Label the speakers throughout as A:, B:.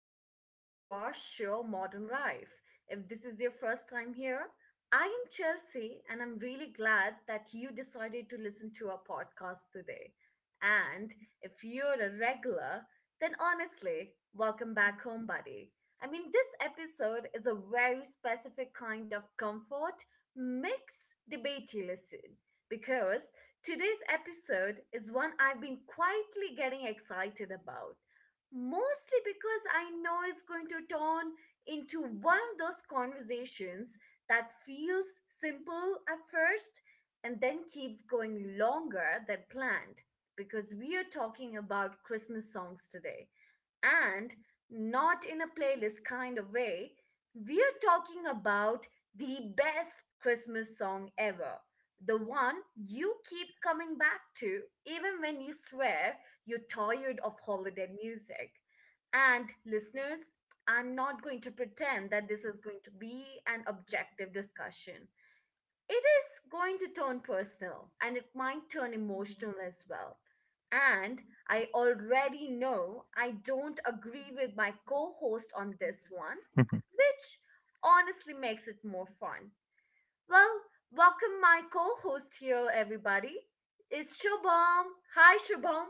A: Welcome back to our show, Modern Life. If this is your first time here, I am Chelsea, and I'm really glad that you decided to listen to our podcast today. And if you're a regular, then honestly, welcome back home, buddy. I mean, this episode is a very specific kind of comfort mix debatey listen because today's episode is one I've been quietly getting excited about mostly because I know it's going to turn into one of those conversations that feels simple at first and then keeps going longer than planned because we are talking about Christmas songs today and not in a playlist kind of way. We are talking about the best Christmas song ever. The one you keep coming back to, even when you swear you're tired of holiday music. And listeners, I'm not going to pretend that this is going to be an objective discussion. It is going to turn personal and it might turn emotional as well. And I already know I don't agree with my co host on this one, which honestly makes it more fun. Well, welcome my co host here, everybody. It's Shubham. Hi, Shubham.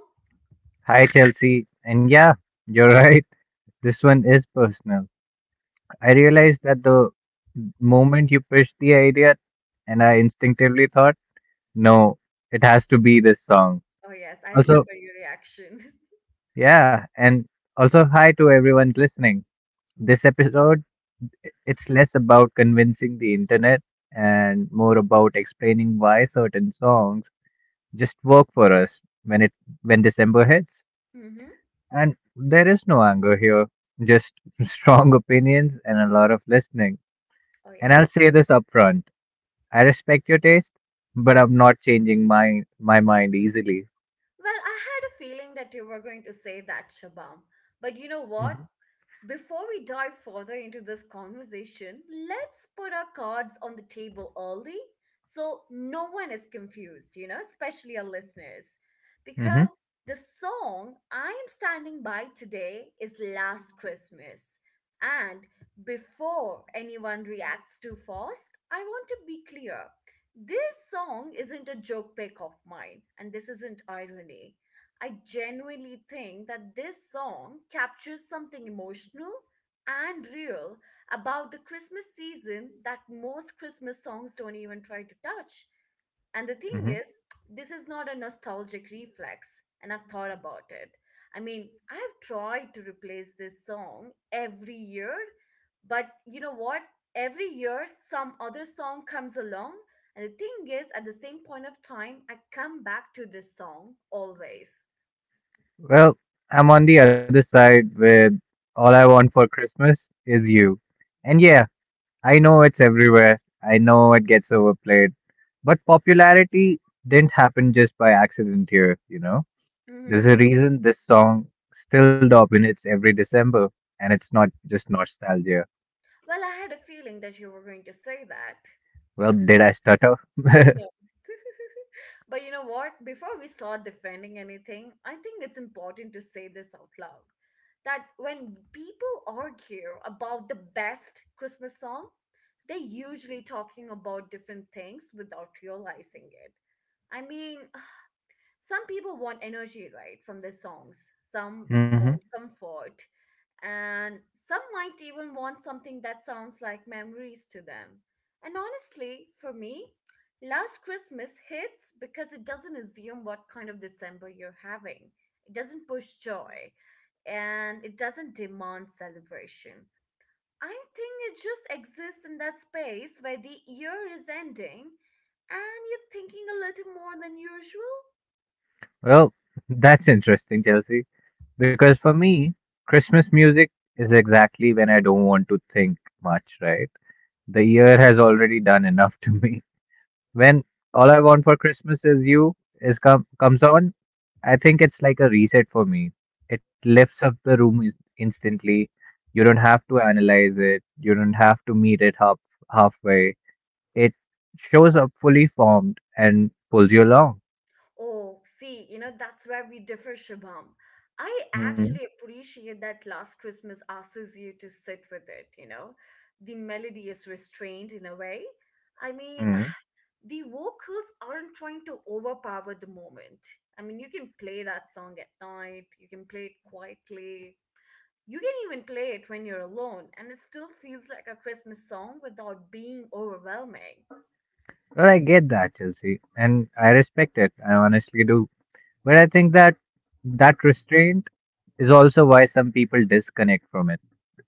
B: Hi, Chelsea. And yeah, you're right. This one is personal. I realized that the moment you pitched the idea, and I instinctively thought, no, it has to be this song.
A: Oh, yes, I remember
B: Also,
A: your reaction.
B: yeah, and also, hi to everyone listening. This episode, it's less about convincing the internet and more about explaining why certain songs just work for us when December hits.
A: Mm-hmm.
B: And there is no anger here, just strong opinions and a lot of listening.
A: Oh,
B: And
A: yes.
B: I'll say this up front. I respect your taste, but I'm not changing my mind easily.
A: Well, I had a feeling that you were going to say that, Shabam. But you know
B: hmm
A: what? Before we dive further into this conversation, let's put our cards on the table early so no one is confused, especially our listeners. Because
B: hmm
A: the song I'm standing by today is Last Christmas. And before anyone reacts too fast, I want to be clear. This song isn't a joke pick of mine, and this isn't irony. I genuinely think that this song captures something emotional and real about the Christmas season that most Christmas songs don't even try to touch. And the thing
B: hmm
A: is, this is not a nostalgic reflex, and I've thought about it. I mean, I've tried to replace this song every year, but you know what? Every year, some other song comes along. And the thing is, at the same point of time, I come back to this song always.
B: Well, I'm on the other side with all I want for Christmas is you. And yeah, I know it's everywhere. I know it gets overplayed, but popularity didn't happen just by accident here, you know.
A: Mm-hmm.
B: There's a reason this song still dominates every December, and it's not just nostalgia.
A: Well, I had a feeling that you were going to say that.
B: Well, did I stutter?
A: No. But you know what? Before we start defending anything, I think it's important to say this out loud. That when people argue about the best Christmas song, they're usually talking about different things without realizing it. I mean, some people want energy right from their songs, some
B: hmm
A: want comfort, and some might even want something that sounds like memories to them. And honestly, for me, Last Christmas hits because it doesn't assume what kind of December you're having. It doesn't push joy, and it doesn't demand celebration. I think it just exists in that space where the year is ending and you're thinking a little more than usual.
B: Well, that's interesting, Chelsea, because for me, Christmas music is exactly when I don't want to think much, right? The year has already done enough to me. When all I want for Christmas is you is come comes on, I think it's like a reset for me. It lifts up the room instantly. You don't have to analyze it. You don't have to meet it halfway. It shows up fully formed and pulls you along.
A: Oh, see, you know, that's where we differ, Shabam. I
B: mm
A: actually appreciate that Last Christmas asks you to sit with it, you know. The melody is restrained in a way. I mean,
B: mm.
A: the vocals aren't trying to overpower the moment. I mean, you can play that song at night, you can play it quietly, you can even play it when you're alone, and it still feels like a Christmas song without being overwhelming.
B: Well, I get that, Chelsea, and I respect it. I honestly do. But I think that that restraint is also why some people disconnect from it.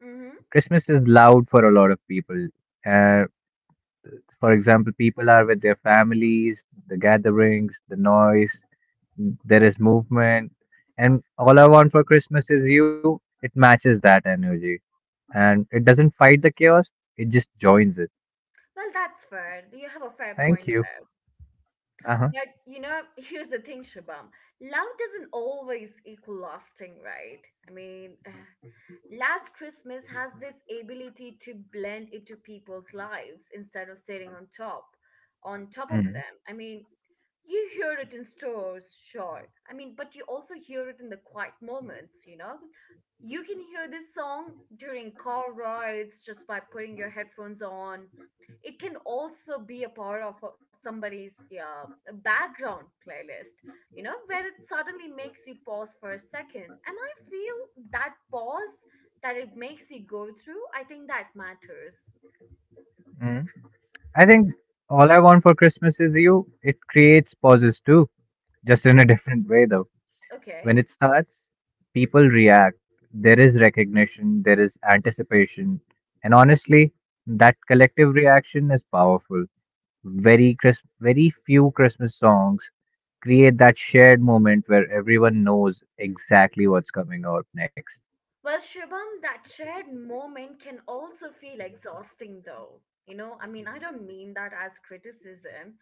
A: Mm-hmm.
B: Christmas is loud for a lot of people. Uh, For example, people are with their families, the gatherings, the noise, there is movement. And all I want for Christmas is you. It matches that energy. And it doesn't fight the chaos, it just joins it.
A: Well, that's fair. You have a fair
B: Thank
A: point.
B: you. Uh huh.
A: But you know, here's the thing, Shabam. Love doesn't always equal lasting, right? I mean, Last Christmas has this ability to blend into people's lives instead of sitting on top, of
B: hmm
A: them. I mean, you hear it in stores, sure. I mean, but you also hear it in the quiet moments, you know? You can hear this song during car rides just by putting your headphones on. It can also be a part of somebody's background playlist, you know, where it suddenly makes you pause for a second. And I feel that pause that it makes you go through, I think that matters.
B: hmm I think all I want for Christmas is you. It creates pauses too, just in a different way, though. When
A: Okay.
B: it starts, people react. There is recognition, there is anticipation. And honestly, that collective reaction is powerful. Very few Christmas songs create that shared moment where everyone knows exactly what's coming out next.
A: Well, Shubham, that shared moment can also feel exhausting though, you know. I mean, I don't mean that as criticism.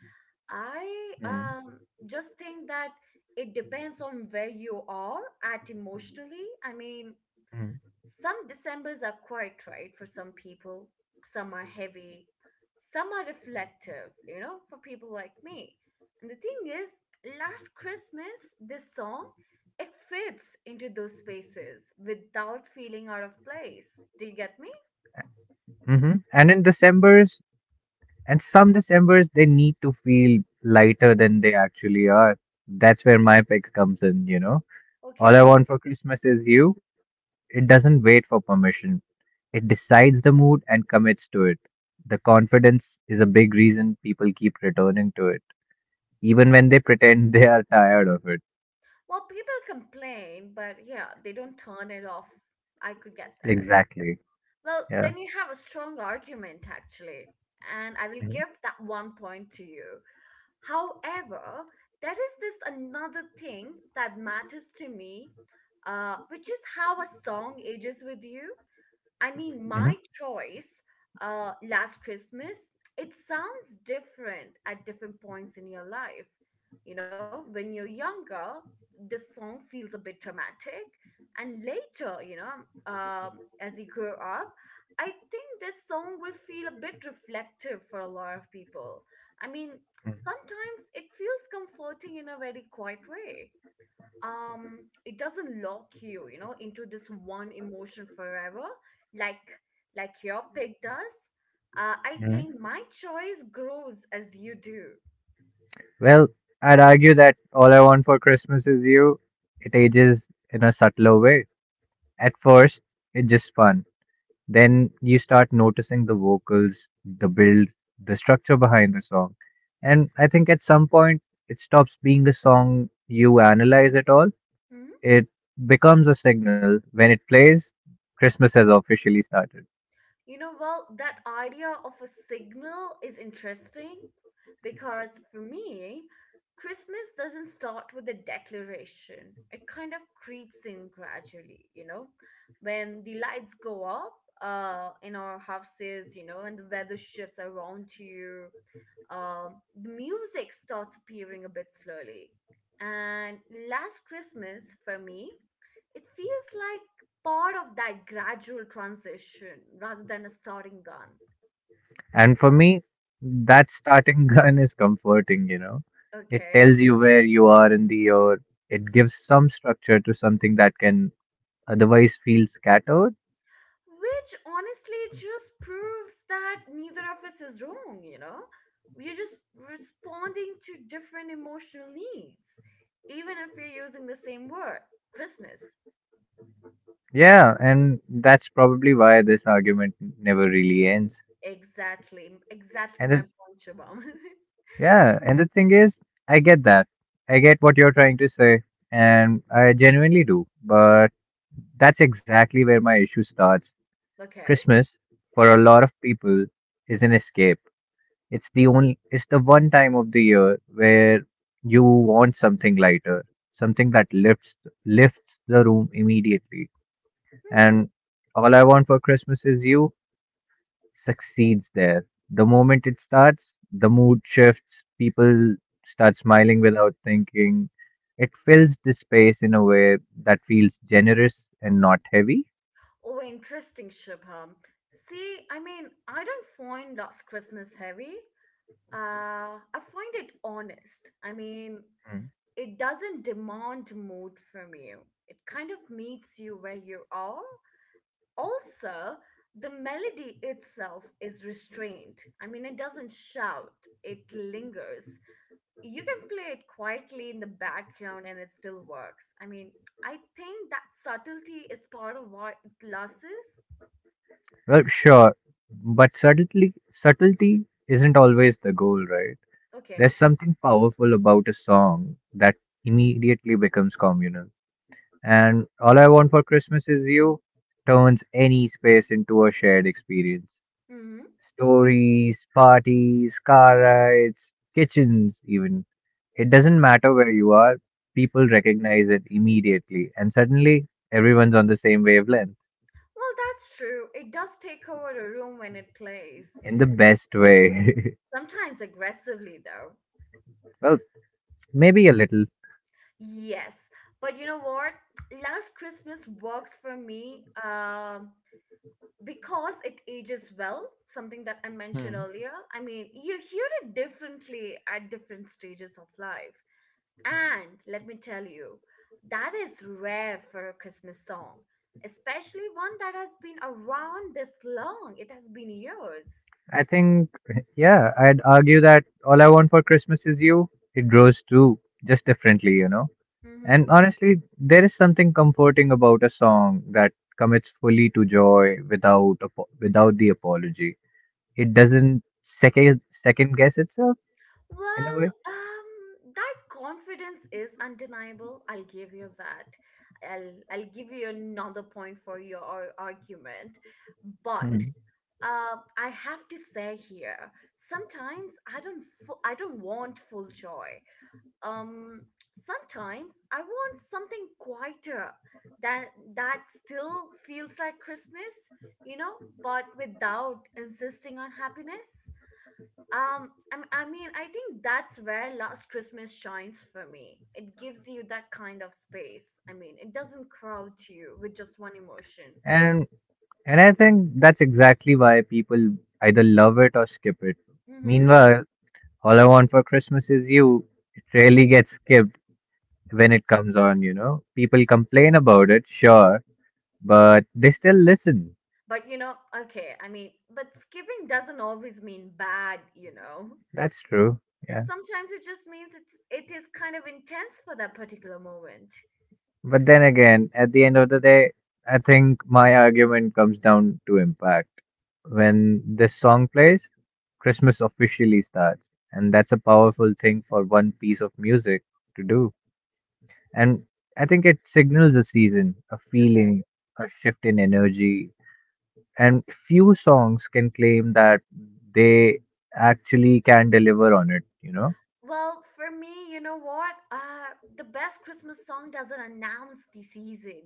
A: I
B: Mm,
A: just think that it depends on where you are at emotionally. I mean,
B: mm,
A: some Decembers are quite right for some people. Some are heavy. Some are reflective, you know, for people like me. And the thing is, Last Christmas, this song, it fits into those spaces without feeling out of place. Do you get me?
B: And some December's, they need to feel lighter than they actually are. That's where my pick comes in, you know. All I
A: Okay.
B: want for Christmas is you. It doesn't wait for permission. It decides the mood and commits to it. The confidence is a big reason people keep returning to it, even when they pretend they are tired of it.
A: Well, people complain, but yeah, they don't turn it off. I could get that.
B: Exactly.
A: Well,
B: Yeah.
A: then you have a strong argument, actually, and I will give that one point to you. However, there is this another thing that matters to me, which is how a song ages with you. I mean,
B: hmm
A: my choice, Last Christmas, it sounds different at different points in your life. You know, when you're younger, this song feels a bit dramatic. And later, you know, as you grow up, I think this song will feel a bit reflective for a lot of people. I mean,
B: hmm
A: sometimes it feels comforting in a very quiet way. It doesn't lock you, you know, into this one emotion forever, like like your pig does. I
B: hmm
A: think my choice grows as you do.
B: Well, I'd argue that all I want for Christmas is you. It ages in a subtler way. At first, it's just fun. Then you start noticing the vocals, the build, the structure behind the song. And I think at some point it stops being a song you analyze at all.
A: Mm-hmm.
B: It becomes a signal. When it plays, Christmas has officially started.
A: You know, well, that idea of a signal is interesting because for me, Christmas doesn't start with a declaration. It kind of creeps in gradually, you know, when the lights go up in our houses, you know, and the weather shifts around you. The music starts appearing a bit slowly. And Last Christmas, for me, it feels like part of that gradual transition rather than a starting gun.
B: And for me, that starting gun is comforting, you know. It
A: Okay.
B: tells you where you are in the year. It gives some structure to something that can otherwise feel scattered.
A: Which honestly just proves that neither of us is wrong, you know? We're just responding to different emotional needs, even if we're using the same word, Christmas.
B: Yeah, and that's probably why this argument never really ends.
A: Exactly. Exactly
B: And
A: my
B: the,
A: point, Shubham.
B: yeah, and the thing is, I get that. I get what you're trying to say, and I genuinely do. But that's exactly where my issue starts.
A: Okay.
B: Christmas, for a lot of people, is an escape. It's the one time of the year where you want something lighter, something that lifts the room immediately.
A: Hmm.
B: And all I want for Christmas is you succeeds there. The moment it starts, the mood shifts, people start smiling without thinking. It fills the space in a way that feels generous and not heavy.
A: Oh, interesting, Shubham. See, I mean, I don't find Last Christmas heavy. I find it honest. I mean,
B: Mm.
A: it doesn't demand mood from you. It kind of meets you where you are. Also, the melody itself is restrained. I mean, it doesn't shout, it lingers. You can play it quietly in the background and it still works. I mean, I think that subtlety is part of what it loses.
B: Well, sure, but subtlety isn't always the goal, right?
A: Okay.
B: There's something powerful about a song that immediately becomes communal. And All I Want for Christmas Is You turns any space into a shared experience.
A: Mm-hmm.
B: Stories, parties, car rides, kitchens, even. It doesn't matter where you are, people recognize it immediately, and suddenly everyone's on the same wavelength
A: Well, that's true. It does take over a room when it plays.
B: in the best way.
A: Sometimes aggressively, though.
B: Well, maybe a little.
A: Yes. But you know what? Last Christmas works for me because it ages well, something that I mentioned
B: Hmm.
A: earlier. I mean, you hear it differently at different stages of life. And let me tell you, that is rare for a Christmas song, especially one that has been around this long. It has been years.
B: I think, yeah, I'd argue that all I want for Christmas is you. It grows too, just differently, you know.
A: Mm-hmm.
B: And honestly, there is something comforting about a song that commits fully to joy without the apology. It doesn't second guess itself in a
A: Well,
B: way.
A: that confidence is undeniable. I'll give you that. I'll give you another point for your argument, but
B: Hmm.
A: I have to say here, sometimes I don't want full joy. Um, Sometimes I want something quieter that still feels like Christmas, you know, but without insisting on happiness. I mean, I think that's where Last Christmas shines for me. It gives you that kind of space. I mean, it doesn't crowd you with just one emotion.
B: And and I think that's exactly why people either love it or skip it.
A: Mm-hmm.
B: Meanwhile, all I want for Christmas is you. It rarely gets skipped when it comes on, you know. People complain about it, sure, but they still listen.
A: But you know, okay, I mean, but skipping doesn't always mean bad, you know.
B: That's true. Yeah.
A: Sometimes it just means it is kind of intense for that particular moment.
B: But then again, at the end of the day, I think my argument comes down to impact. When this song plays, Christmas officially starts, and that's a powerful thing for one piece of music to do. And I think it signals a season, a
A: Okay.
B: feeling, a shift in energy. And few songs can claim that they actually can deliver on it, you know?
A: Well, for me, you know what? The best Christmas song doesn't announce the season.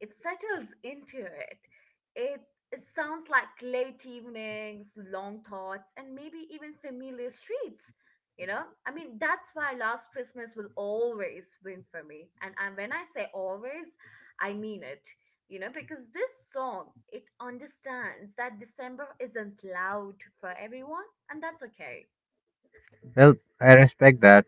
A: It settles into it. It it sounds like late evenings, long thoughts, and maybe even familiar streets. You know? I mean, that's why Last Christmas will always win for me. And when I say always, I mean it. You know, because this song, it understands that December isn't loud for everyone, and that's okay.
B: Well, I respect that.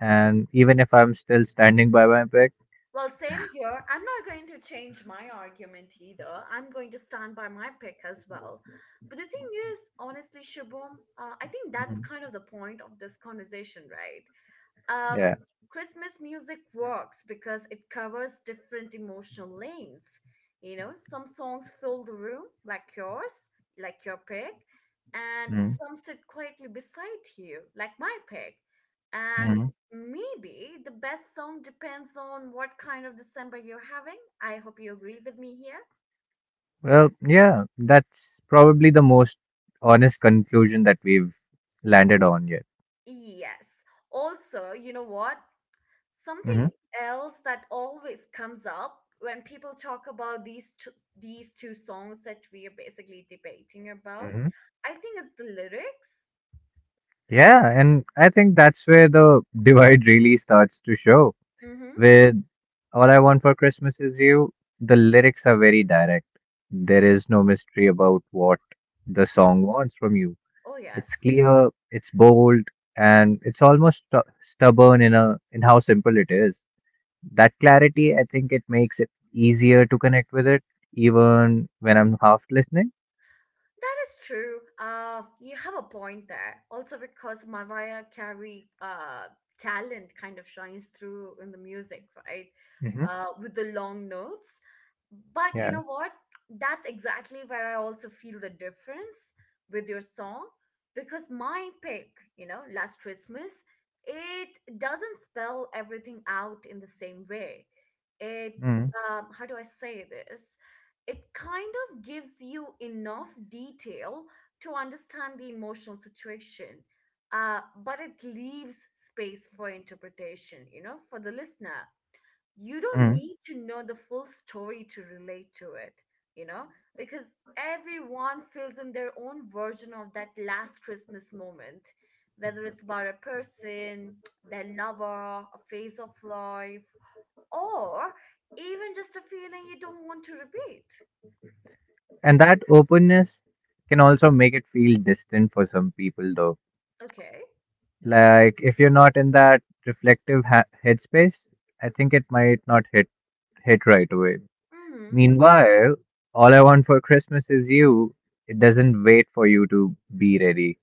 B: And even if I'm still standing by my pick,
A: Well, same here. I'm not going to change my argument either. I'm going to stand by my pick as well. But the thing is, honestly, Shubham, I think that's
B: Mhm.
A: kind of the point of this conversation, right? um,
B: Yeah.
A: Christmas music works because it covers different emotional lanes. You know, some songs fill the room, like yours, like your pig, and
B: Mm,
A: some sit quietly beside you, like my pig. And
B: mm.
A: maybe the best song depends on what kind of December you're having. I hope you agree with me here.
B: Well, yeah, that's probably the most honest conclusion that we've landed on yet.
A: Yes. Also, you know what?
B: hmm
A: Something else that always comes up when people talk about these two songs that we are basically debating about,
B: hmm
A: I think it's the lyrics.
B: Yeah, and I think that's where the divide really starts to show.
A: Mm-hmm.
B: With All I Want for Christmas Is You, the lyrics are very direct. There is no mystery about what the song wants from you.
A: Oh
B: It's
A: yes.
B: clear, it's bold, and it's almost stubborn in how simple it is. That clarity, I think it makes it easier to connect with it, even when I'm half listening.
A: That is true. You have a point there. Also, because Mariah Carey talent kind of shines through in the music, right? With the long notes. But you know what? That's exactly where I also feel the difference with your song because my pick, you know, Last Christmas, it doesn't spell everything out in the same way. It,
B: Mm-hmm.
A: how do I say this? It kind of gives you enough detail to understand the emotional situation, but it leaves space for interpretation, you know, for the listener. You don't
B: Mm-hmm.
A: need to know the full story to relate to it, you know, because everyone fills in their own version of that last Christmas moment, whether it's about a person, their lover, a phase of life, or even just a feeling you don't want to repeat.
B: And that openness can also make it feel distant for some people, though.
A: Okay.
B: Like if you're not in that reflective headspace, I think it might not hit hit right away.
A: Hmm.
B: Meanwhile, all I want for Christmas is you. It doesn't wait for you to be ready.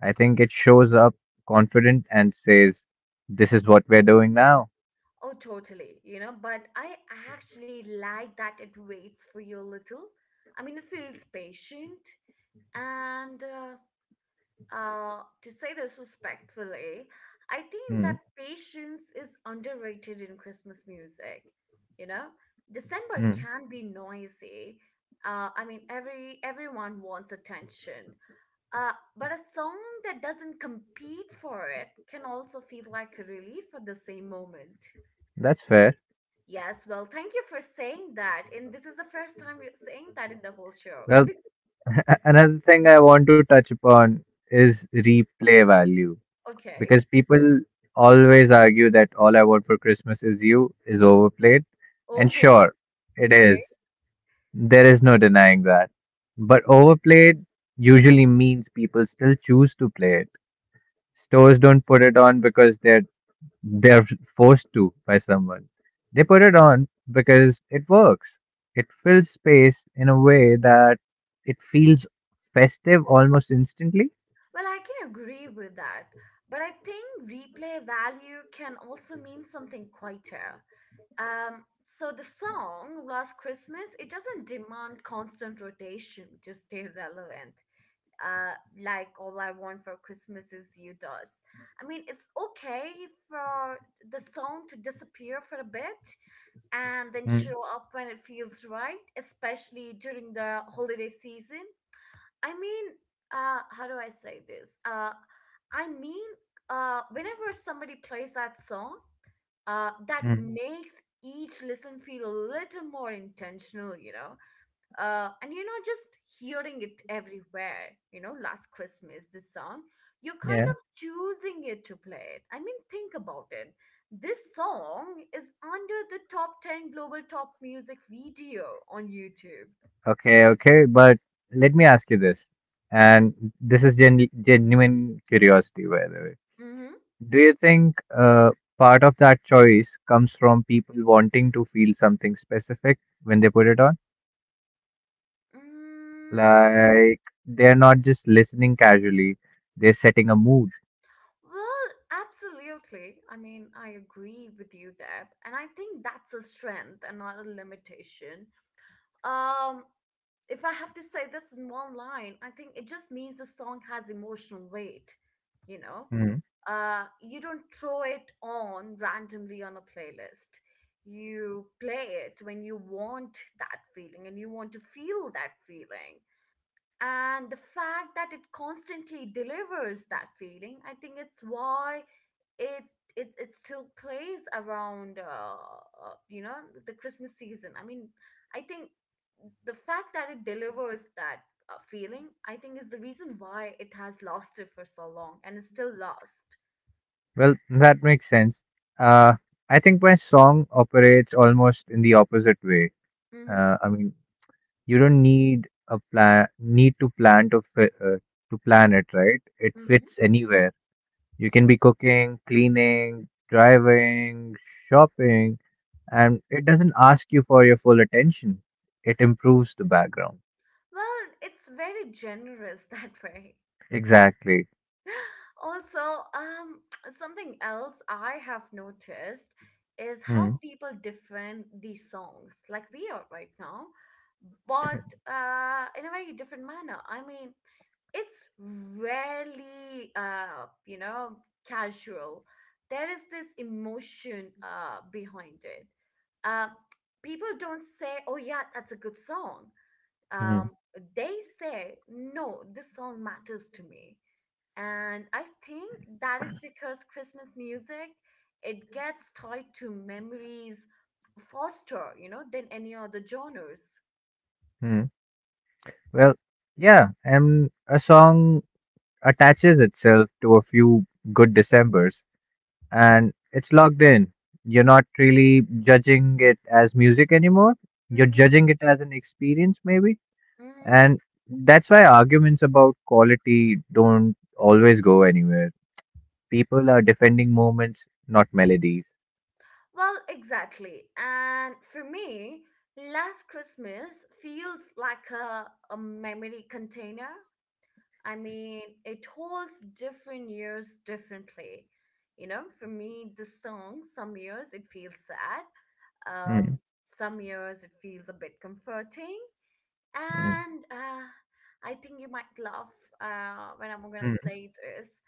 B: I think it shows up confident and says, "This is what we're doing now."
A: Oh, totally. You know, but I actually like that it waits for you a little. I mean, it feels patient. And to say this respectfully, I think that patience is underrated in Christmas music. You know, December can be noisy. I mean, everyone wants attention. Uh, but a song that doesn't compete for it can also feel like a relief at the same moment.
B: That's fair.
A: Yes, well, thank you for saying that. And this is the first time you're saying that in the whole show.
B: Well, another thing I want to touch upon is replay value
A: Okay.
B: because people always argue that All I Want for Christmas Is You is overplayed. And
A: Oh,
B: sure, it
A: okay.
B: is. There is no denying that. But overplayed usually means people still choose to play it. Stores don't put it on because they're forced to by someone. They put it on because it works. It fills space in a way that it feels festive almost instantly.
A: Well, I can agree with that. But I think replay value can also mean something quieter. So the song Last Christmas, it doesn't demand constant rotation to stay relevant, uh, like All I Want for Christmas Is You does. I mean, it's okay for the song to disappear for a bit and then show up when it feels right, especially during the holiday season. I mean, how do I say this? I mean, Whenever somebody plays that song, that
B: Mm.
A: makes each listen feel a little more intentional, you know? And you know, just hearing it everywhere, you know, Last Christmas, this song, you're kind
B: Yeah.
A: of choosing it to play it. I mean, think about it, this song is under the top 10 global top music video on YouTube.
B: Okay. Okay. But let me ask you this, and this is genuine curiosity, by the way.
A: Mm-hmm.
B: Do you think part of that choice comes from people wanting to feel something specific when they put it on?
A: Mm.
B: Like they're not just listening casually; they're setting a mood.
A: Well, absolutely. I mean, I agree with you there, and I think that's a strength and not a limitation. Um, if I have to say this in one line, I think it just means the song has emotional weight, you know?
B: Hmm.
A: You don't throw it on randomly on a playlist. You play it when you want that feeling and you want to feel that feeling, and the fact that it constantly delivers that feeling, I think it's why it it still plays around you know, the Christmas season. I mean, I think the fact that it delivers that feeling, I think is the reason why it has lasted for so long and is still lost.
B: Well, that makes sense. Uh, I think my song operates almost in the opposite way.
A: Mm-hmm,
B: I mean, you don't need a plan, need to plan to fi to plan it, right? It
A: mm-hmm.
B: fits anywhere. You can be cooking, cleaning, driving, shopping, and it doesn't ask you for your full attention. It improves the background.
A: Well, it's very generous that way.
B: Exactly.
A: Also, um, something else I have noticed is how
B: Hmm.
A: people defend these songs, like we are right now, but in a very different manner. I mean, it's rarely, you know, casual. There is this emotion behind it. Uh, People don't say, "Oh yeah, that's a good song."
B: Hmm.
A: Um, they say, "No, this song matters to me." And I think that is because Christmas music, it gets tied to memories faster, you know, than any other genres.
B: Hmm. Well, yeah, and a song attaches itself to a few good Decembers and it's locked in. You're not really judging it as music anymore. You're
A: Mm-hmm,
B: judging it as an experience, maybe.
A: mm-hmm.
B: And that's why arguments about quality don't always go anywhere. People are defending moments, not melodies.
A: Well, exactly, and for me, Last Christmas feels like a memory container. I mean, it holds different years differently. You know, for me, the song, some years it feels sad, um,
B: Hmm,
A: some years it feels a bit comforting.
B: hmm,
A: And I think you might laugh when I'm gonna
B: hmm,
A: say this,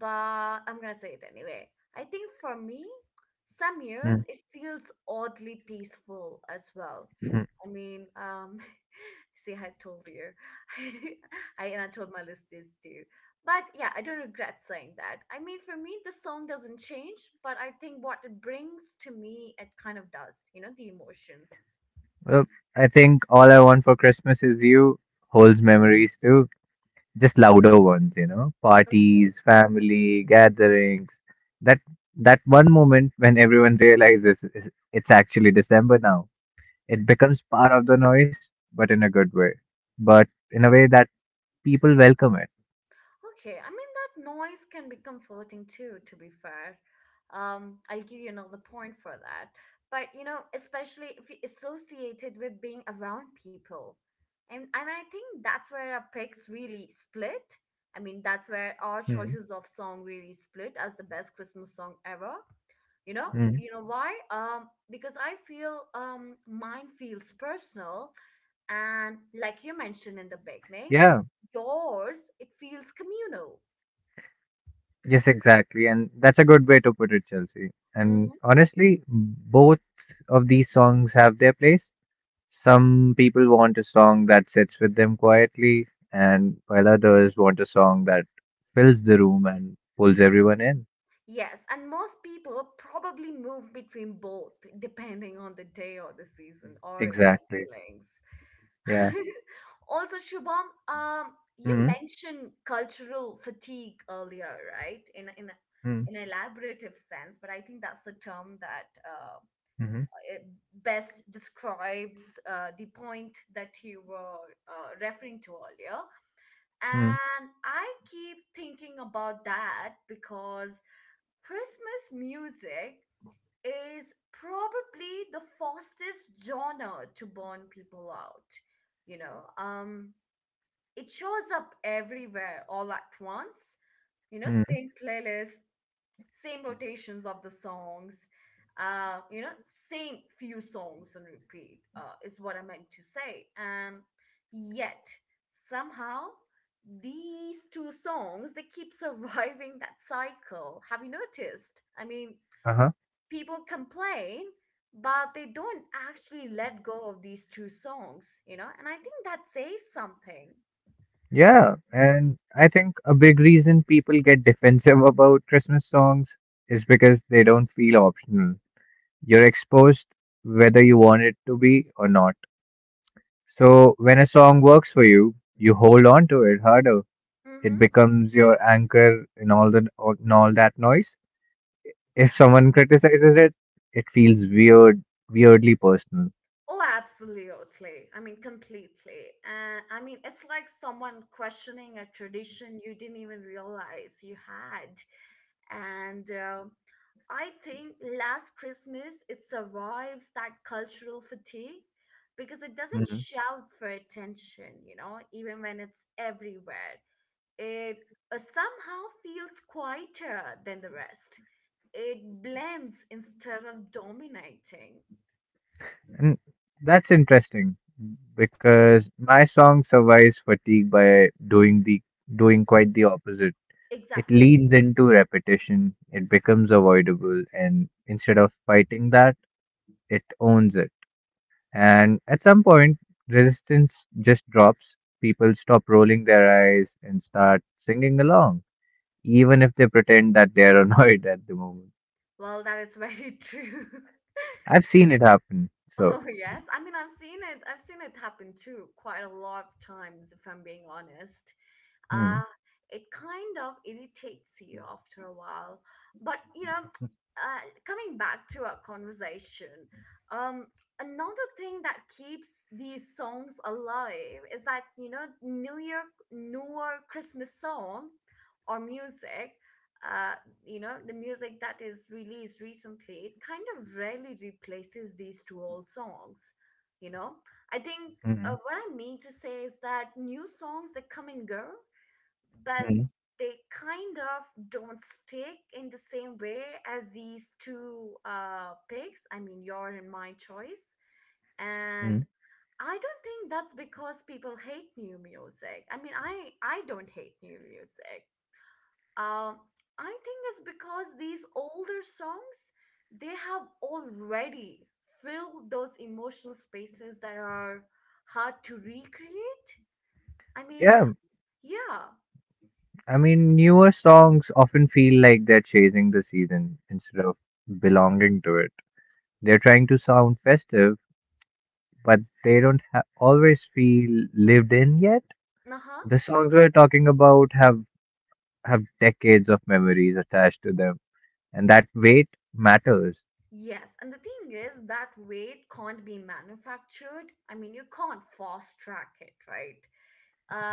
A: but I'm gonna say it anyway. I think for me, some years
B: hmm,
A: it feels oddly peaceful as well.
B: hmm.
A: I mean, um, See, I told you, I and I told my listeners too. But yeah, I don't regret saying that. I mean, for me, the song doesn't change, but I think what it brings to me, it kind of does. You know, the emotions.
B: Well, I think all I want for Christmas is you, holds memories too. Just louder ones, you know, parties, family, gatherings. That that one moment when everyone realizes it's actually December now. It becomes part of the noise, but in a good way, but in a way that people welcome it.
A: Okay, I mean that noise can be comforting too, to be fair. I'll give you another point for that. But you know, especially if you associate it with being around people. And I think that's where our picks really split. I mean, that's where our
B: mm
A: choices of song really split as the best Christmas song ever. You know,
B: mm.
A: you know why? Because I feel mine feels personal, and like you mentioned in the beginning,
B: Yeah,
A: yours, it feels communal.
B: yes, exactly, and that's a good way to put it, Chelsea. And
A: Mhm.
B: honestly, both of these songs have their place. Some people want a song that sits with them quietly, and while others want a song that fills the room and pulls everyone in.
A: Yes, and most people probably move between both depending on the day or the season or their
B: Exactly.
A: feelings.
B: Yeah.
A: Also, Shubham, you
B: Mm.
A: mentioned cultural fatigue earlier, right? In
B: Mm.
A: an elaborative sense, but I think that's the term that
B: Mm.
A: it best describes the point that you were referring to earlier.
B: Mm.
A: And I keep thinking about that because Christmas music is probably the fastest genre to burn people out. You know, it shows up everywhere all at once. You know,
B: Mm.
A: same playlist, same rotations of the songs, you know, same few songs on repeat, is what I meant to say, and yet somehow these two songs, they keep surviving that cycle. Have you noticed? I mean,
B: Uh huh.
A: people complain, but they don't actually let go of these two songs, you know, and I think that says something.
B: Yeah. And I think a big reason people get defensive about Christmas songs is because they don't feel optional. You're exposed whether you want it to be or not. So when a song works for you, you hold on to it harder. It
A: Mm-hmm.
B: becomes your anchor in all that noise. If someone criticizes it, it feels weird, weirdly personal.
A: Oh, absolutely. I mean, completely. I mean, it's like someone questioning a tradition you didn't even realize you had. And I think Last Christmas, it survives that cultural fatigue because it doesn't
B: hmm
A: shout for attention, you know, even when it's everywhere. It somehow feels quieter than the rest. It blends instead of dominating.
B: And that's interesting because my song survives fatigue by doing quite the opposite. It
A: Exactly.
B: leans into repetition, it becomes avoidable, and instead of fighting that, it owns it. And at some point, resistance just drops. People stop rolling their eyes and start singing along, even if they pretend that they are annoyed at the moment.
A: Well, that is very true.
B: I've seen it happen.
A: Oh, yes. I mean, I've seen it. I've seen it happen too, quite a lot of times, if I'm being honest.
B: Mm,
A: uh, it kind of irritates you after a while. But you know, coming back to our conversation, um, another thing that keeps these songs alive is that, you know, New Year, newer Christmas song or music. Uh, you know, the music that is released recently, it kind of rarely replaces these two old songs, you know. I think,
B: mm,
A: what I mean to say is that new songs that come and go, but
B: mm,
A: they kind of don't stick in the same way as these two picks. I mean, your and my choice.
B: mm.
A: And I don't think that's because people hate new music. I mean, I don't hate new music. Um, I think it's because these older songs, they have already filled those emotional spaces that are hard to recreate. I mean,
B: Yeah,
A: yeah.
B: I mean, newer songs often feel like they're chasing the season instead of belonging to it. They're trying to sound festive, but they don't always feel lived in yet.
A: Uh-huh.
B: The songs we're talking about have decades of memories attached to them, and that weight matters.
A: Yes, and the thing is, that weight can't be manufactured. I mean, you can't fast track it, right?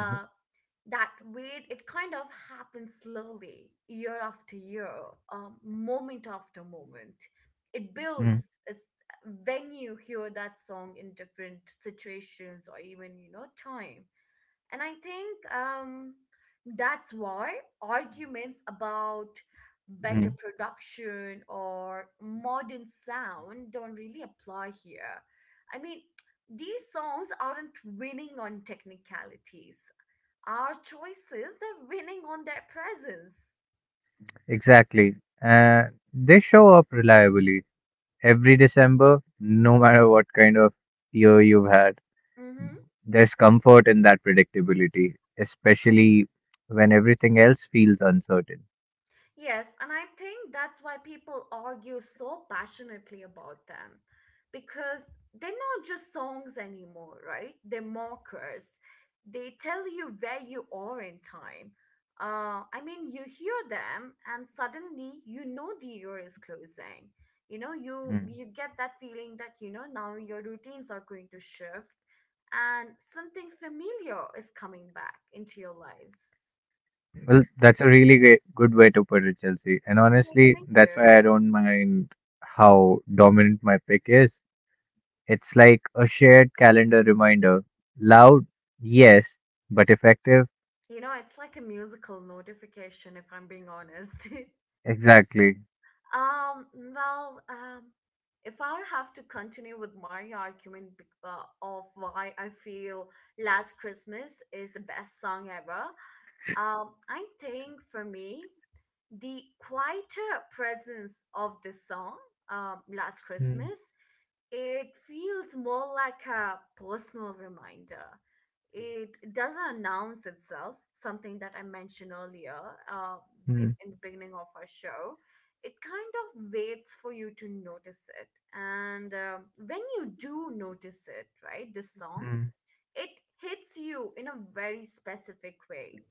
B: Mhm.
A: that weight, it kind of happens slowly, year after year, moment after moment. It
B: mm
A: builds as when you hear that song in different situations, or even, you know, time. And I think that's why arguments about better
B: mm.
A: production or modern sound don't really apply here. I mean, these songs aren't winning on technicalities. Our choices, they're winning on their presence.
B: Exactly. Uh, they show up reliably every December, no matter what kind of year you've had,
A: Mm-hmm.
B: there's comfort in that predictability, especially when everything else feels uncertain.
A: Yes, and I think that's why people argue so passionately about them because they're not just songs anymore, right? They're markers. They tell you where you are in time. I mean, you hear them and suddenly you know the year is closing. You know, you
B: Mm.
A: you get that feeling that, you know, now your routines are going to shift and something familiar is coming back into your lives.
B: Well, that's a really great, good way to put it, Chelsea. And
A: What
B: honestly,
A: do
B: that's
A: you
B: why I don't mind how dominant my pick is. It's like a shared calendar reminder. Loud, yes, but effective,
A: You know, it's like a musical notification, if I'm being honest.
B: exactly.
A: um, well, if I have to continue with my argument of why I feel Last Christmas is the best song ever, I think for me, the quieter presence of this song, Last
B: Mm.
A: Christmas, it feels more like a personal reminder. It doesn't announce itself, something that I mentioned earlier, uh,
B: Mm.
A: in the beginning of our show. It kind of waits for you to notice it. And when you do notice it, right, this song,
B: mm.
A: it hits you in a very specific way.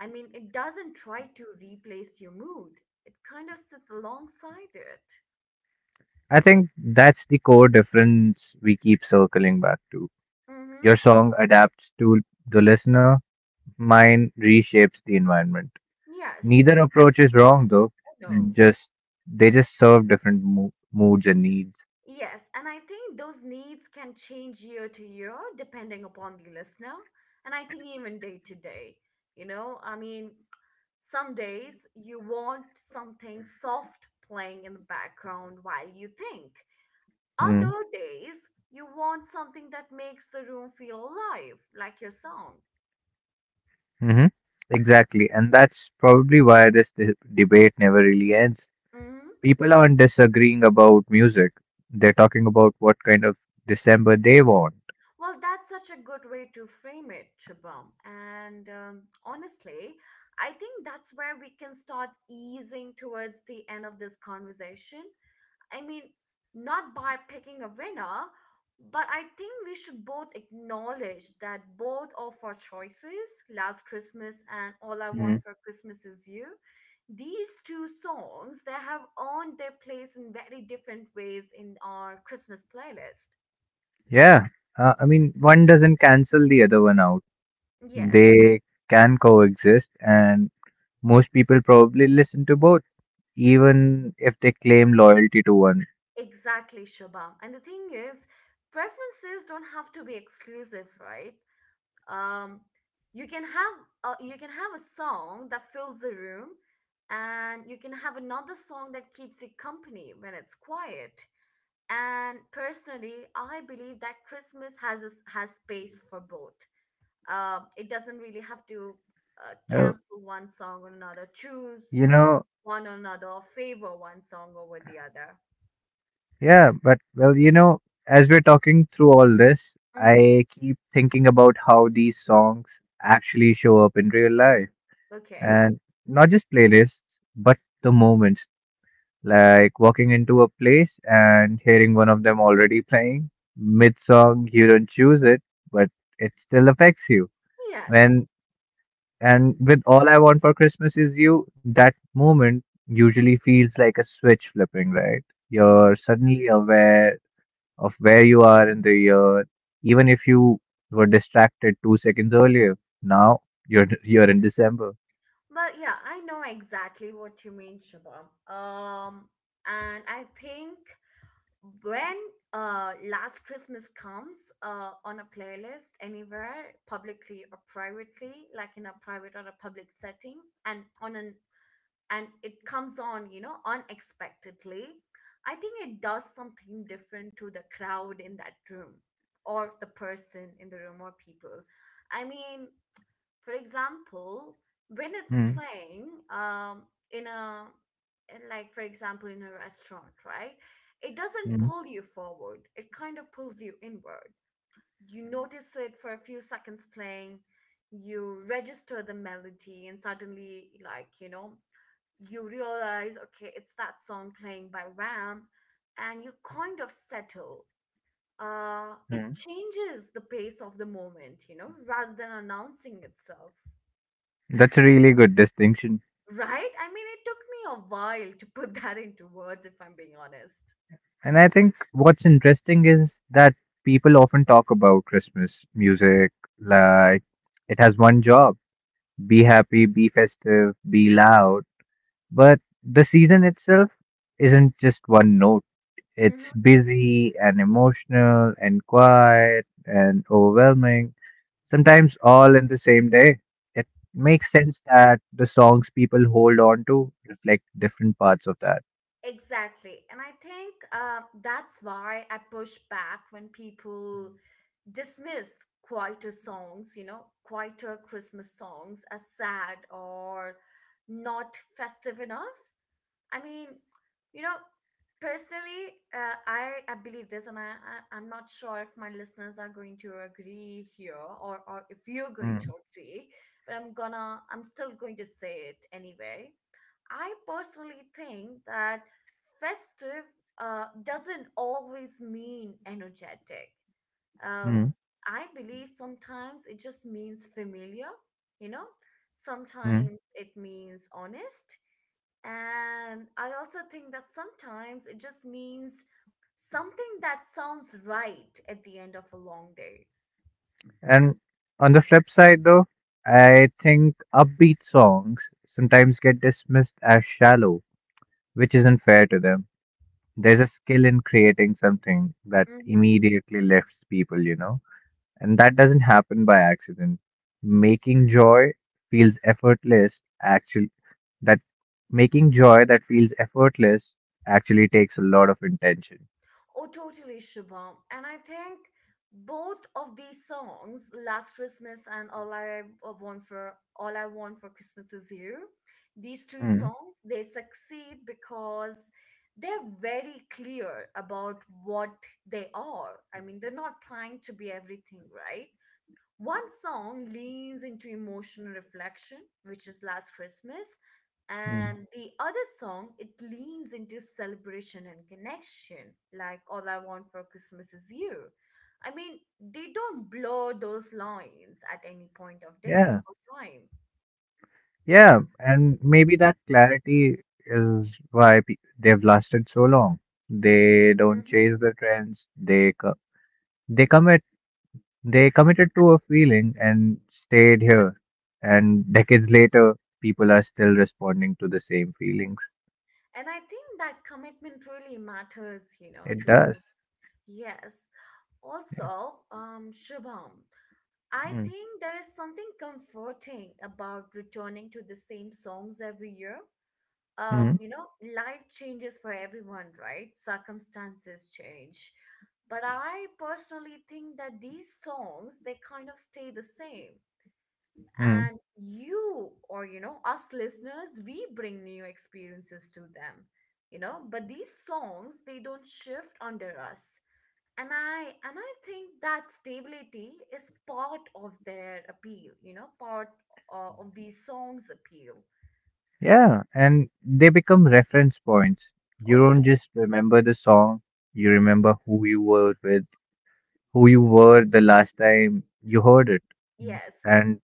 A: I mean, it doesn't try to replace your mood, it kind of sits alongside it.
B: I think that's the core difference we keep circling back to.
A: Mm hmm.
B: Your song adapts to the listener, mine reshapes the environment.
A: Yes.
B: Neither approach is wrong though.
A: Oh, no.
B: Just they just serve different moods and needs.
A: Yes, and I think those needs can change year to year depending upon the listener. And I think even day to day, you know. I mean, some days you want something soft playing in the background while you think.
B: Hmm.
A: Other days you want something that makes the room feel alive, like your song.
B: Mm-hmm. Exactly, and that's probably why this debate never really ends.
A: Mm-hmm.
B: People aren't disagreeing about music; they're talking about what kind of December they want.
A: Well, that's such a good way to frame it, Shubham. And honestly, I think that's where we can start easing towards the end of this conversation. I mean, not by picking a winner, but I think we should both acknowledge that both of our choices, Last Christmas and All I
B: Mm.
A: Want for Christmas Is You, these two songs, they have earned their place in very different ways in our Christmas playlist.
B: Yeah, I mean, one doesn't cancel the other one out.
A: Yes.
B: They can coexist, and most people probably listen to both, even if they claim loyalty to one.
A: Exactly, Shubham. And the thing is, preferences don't have to be exclusive, right? Um, you can have you can have a song that fills the room, and you can have another song that keeps you company when it's quiet. And personally, I believe that Christmas has a s has space for both. It doesn't really have to
B: Uh,
A: cancel one song or another, choose
B: you know,
A: one or another, or favor one song over the other.
B: yeah, but as we're talking through all this,
A: Mm-hmm.
B: I keep thinking about how these songs actually show up in real life,
A: Okay.
B: and not just playlists, but the moments, like walking into a place and hearing one of them already playing mid song, you don't choose it, but it still affects you.
A: Yes.
B: When. And with all I want for Christmas is you, that moment usually feels like a switch flipping, right? You're
A: hmm
B: suddenly aware of where you are in the year, even if you were distracted 2 seconds earlier. Now you're you're in December.
A: But yeah, I know exactly what you mean, Shabam. Um, and I think when Last Christmas comes on a playlist anywhere, publicly or privately, like in a private or a public setting, and on an and it comes on, you know, unexpectedly, I think it does something different to the crowd in that room or the person in the room or people. I mean, for example, when it's
B: Hmm.
A: playing in a in like for example in a restaurant, right? It doesn't
B: Hmm.
A: pull you forward. It kind of pulls you inward. You notice it for a few seconds playing, you register the melody and suddenly like, you know, you realize okay, it's that song playing by Ram and you kind of settle it
B: Hmm.
A: changes the pace of the moment, you know, rather than announcing itself.
B: That's a really good distinction.
A: Right? I mean, it took me a while to put that into words, if I'm being honest.
B: And I think what's interesting is that people often talk about Christmas music like it has one job: be happy, be festive, be loud. But the season itself isn't just one note.
A: Hmm
B: It's busy and emotional and quiet and overwhelming, sometimes all in the same day. It makes sense that the songs people hold on to reflect different parts of that.
A: Exactly. And I think that's why I push back when people dismiss quieter songs, you know, quieter Christmas songs as sad or not festive enough. I mean, you know, personally, I believe this, and I'm not sure if my listeners are going to agree here, or if you're going
B: Mm,
A: to agree. But I'm still going to say it anyway. I personally think that festive doesn't always mean energetic. Um,
B: mm,
A: I believe sometimes it just means familiar. You know,
B: mm.
A: sometimes it means honest and I also think that sometimes it just means something that sounds right at the end of a long day.
B: And on the flip side, though, I think upbeat songs sometimes get dismissed as shallow, which isn't fair to them. There's a skill in creating something that
A: Mm-hmm.
B: immediately lifts people, you know, and that doesn't happen by accident. Making joy feels effortless, actually, that making joy that feels effortless actually takes a lot of intention.
A: Oh, totally, Shubham. And I think both of these songs, Last Christmas and All I Want for Christmas Is You, these two
B: Hmm.
A: songs, they succeed because they're very clear about what they are. I mean, they're not trying to be everything, right? One song leans into emotional reflection, which is Last Christmas,
B: Mm.
A: and the other song it leans into celebration and connection, like All I Want for Christmas Is You. I mean, they don't blur those lines at any point of day
B: Yeah,
A: or time.
B: yeah, and maybe that clarity is why they've lasted so long. They
A: Hmm
B: don't chase the trends. They commit. They committed to a feeling and stayed here. And decades later, people are still responding to the same feelings.
A: And I think that commitment really matters, you know,
B: It does.
A: to yes. Also, Shubham, I
B: Mm,
A: think there is something comforting about returning to the same songs every year.
B: mm,
A: You know, life changes for everyone, right? Circumstances change. But I personally think that these songs, they kind of stay the same.
B: mm.
A: And you, or you know, us listeners, we bring new experiences to them, you know, but these songs, they don't shift under us and i and I think that stability is part of their appeal, you know, part of these songs appeal.
B: Yeah, and they become reference points. You
A: Oh,
B: don't
A: yes.
B: just remember the song, you remember who you were with, who you were the last time you heard it.
A: Yes.
B: And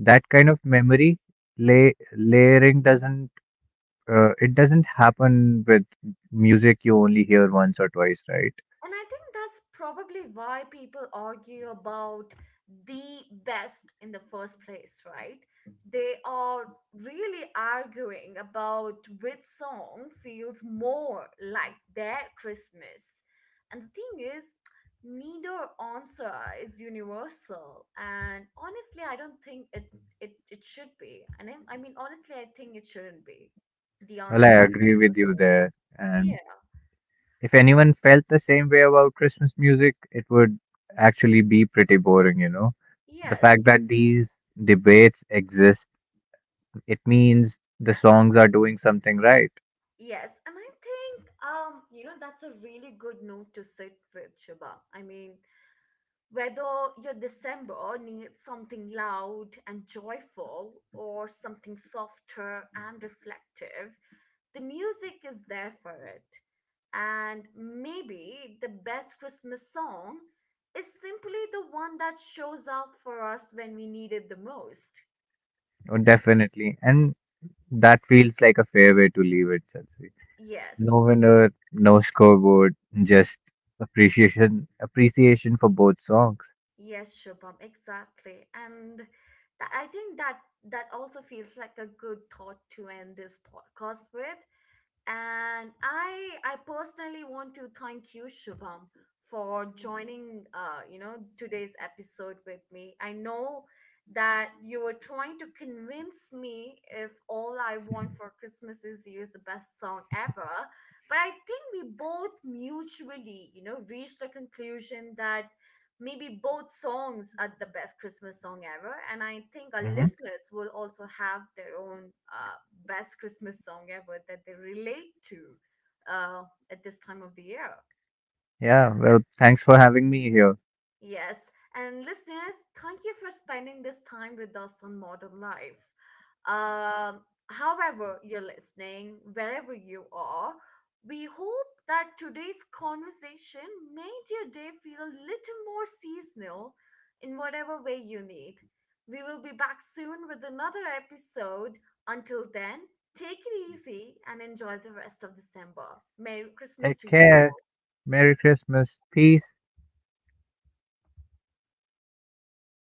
B: that kind of memory layering doesn't it doesn't happen with music you only hear once or twice, right?
A: And I think that's probably why people argue about the best in the first place, right? They are really arguing about which song feels more like their Christmas. And the thing is, neither answer is universal. And honestly, I don't think it should be. And I mean, honestly, I think it shouldn't be the
B: Well,
A: answer
B: I
A: being
B: agree with you
A: universal.
B: there. And
A: Yeah.
B: if anyone felt the same way about Christmas music, it would actually be pretty boring, you know. The fact
A: Yes.
B: that these debates exist, it means the songs are doing something right.
A: Yes, and I think you know, that's a really good note to sit with, Shiba. I mean, whether your December needs something loud and joyful or something softer and reflective, the music is there for it. And maybe the best Christmas song is simply the one that shows up for us when we need it the most.
B: Oh, definitely. And that feels like a fair way to leave it, Chelsea.
A: Yes.
B: No winner, no scoreboard, just appreciation for both songs.
A: Yes, Shubham, exactly. And I think that that also feels like a good thought to end this podcast with. And I personally want to thank you, Shubham, for joining you know, today's episode with me. I know that you were trying to convince me if all I want for Christmas is you is the best song ever. But I think we both mutually, you know, reached a conclusion that maybe both songs are the best Christmas song ever, and I think our
B: Hmm
A: listeners will also have their own best Christmas song ever that they relate to uh, at this time of the year.
B: Yeah, well, thanks for having me here.
A: Yes, and listeners, thank you for spending this time with us on Modern Life. Um, However, you're listening, wherever you are, we hope that today's conversation made your day feel a little more seasonal in whatever way you need. We will be back soon with another episode. Until then, take it easy and enjoy the rest of December. Merry Christmas
B: Take
A: to you
B: care.
A: all.
B: Merry Christmas. Peace.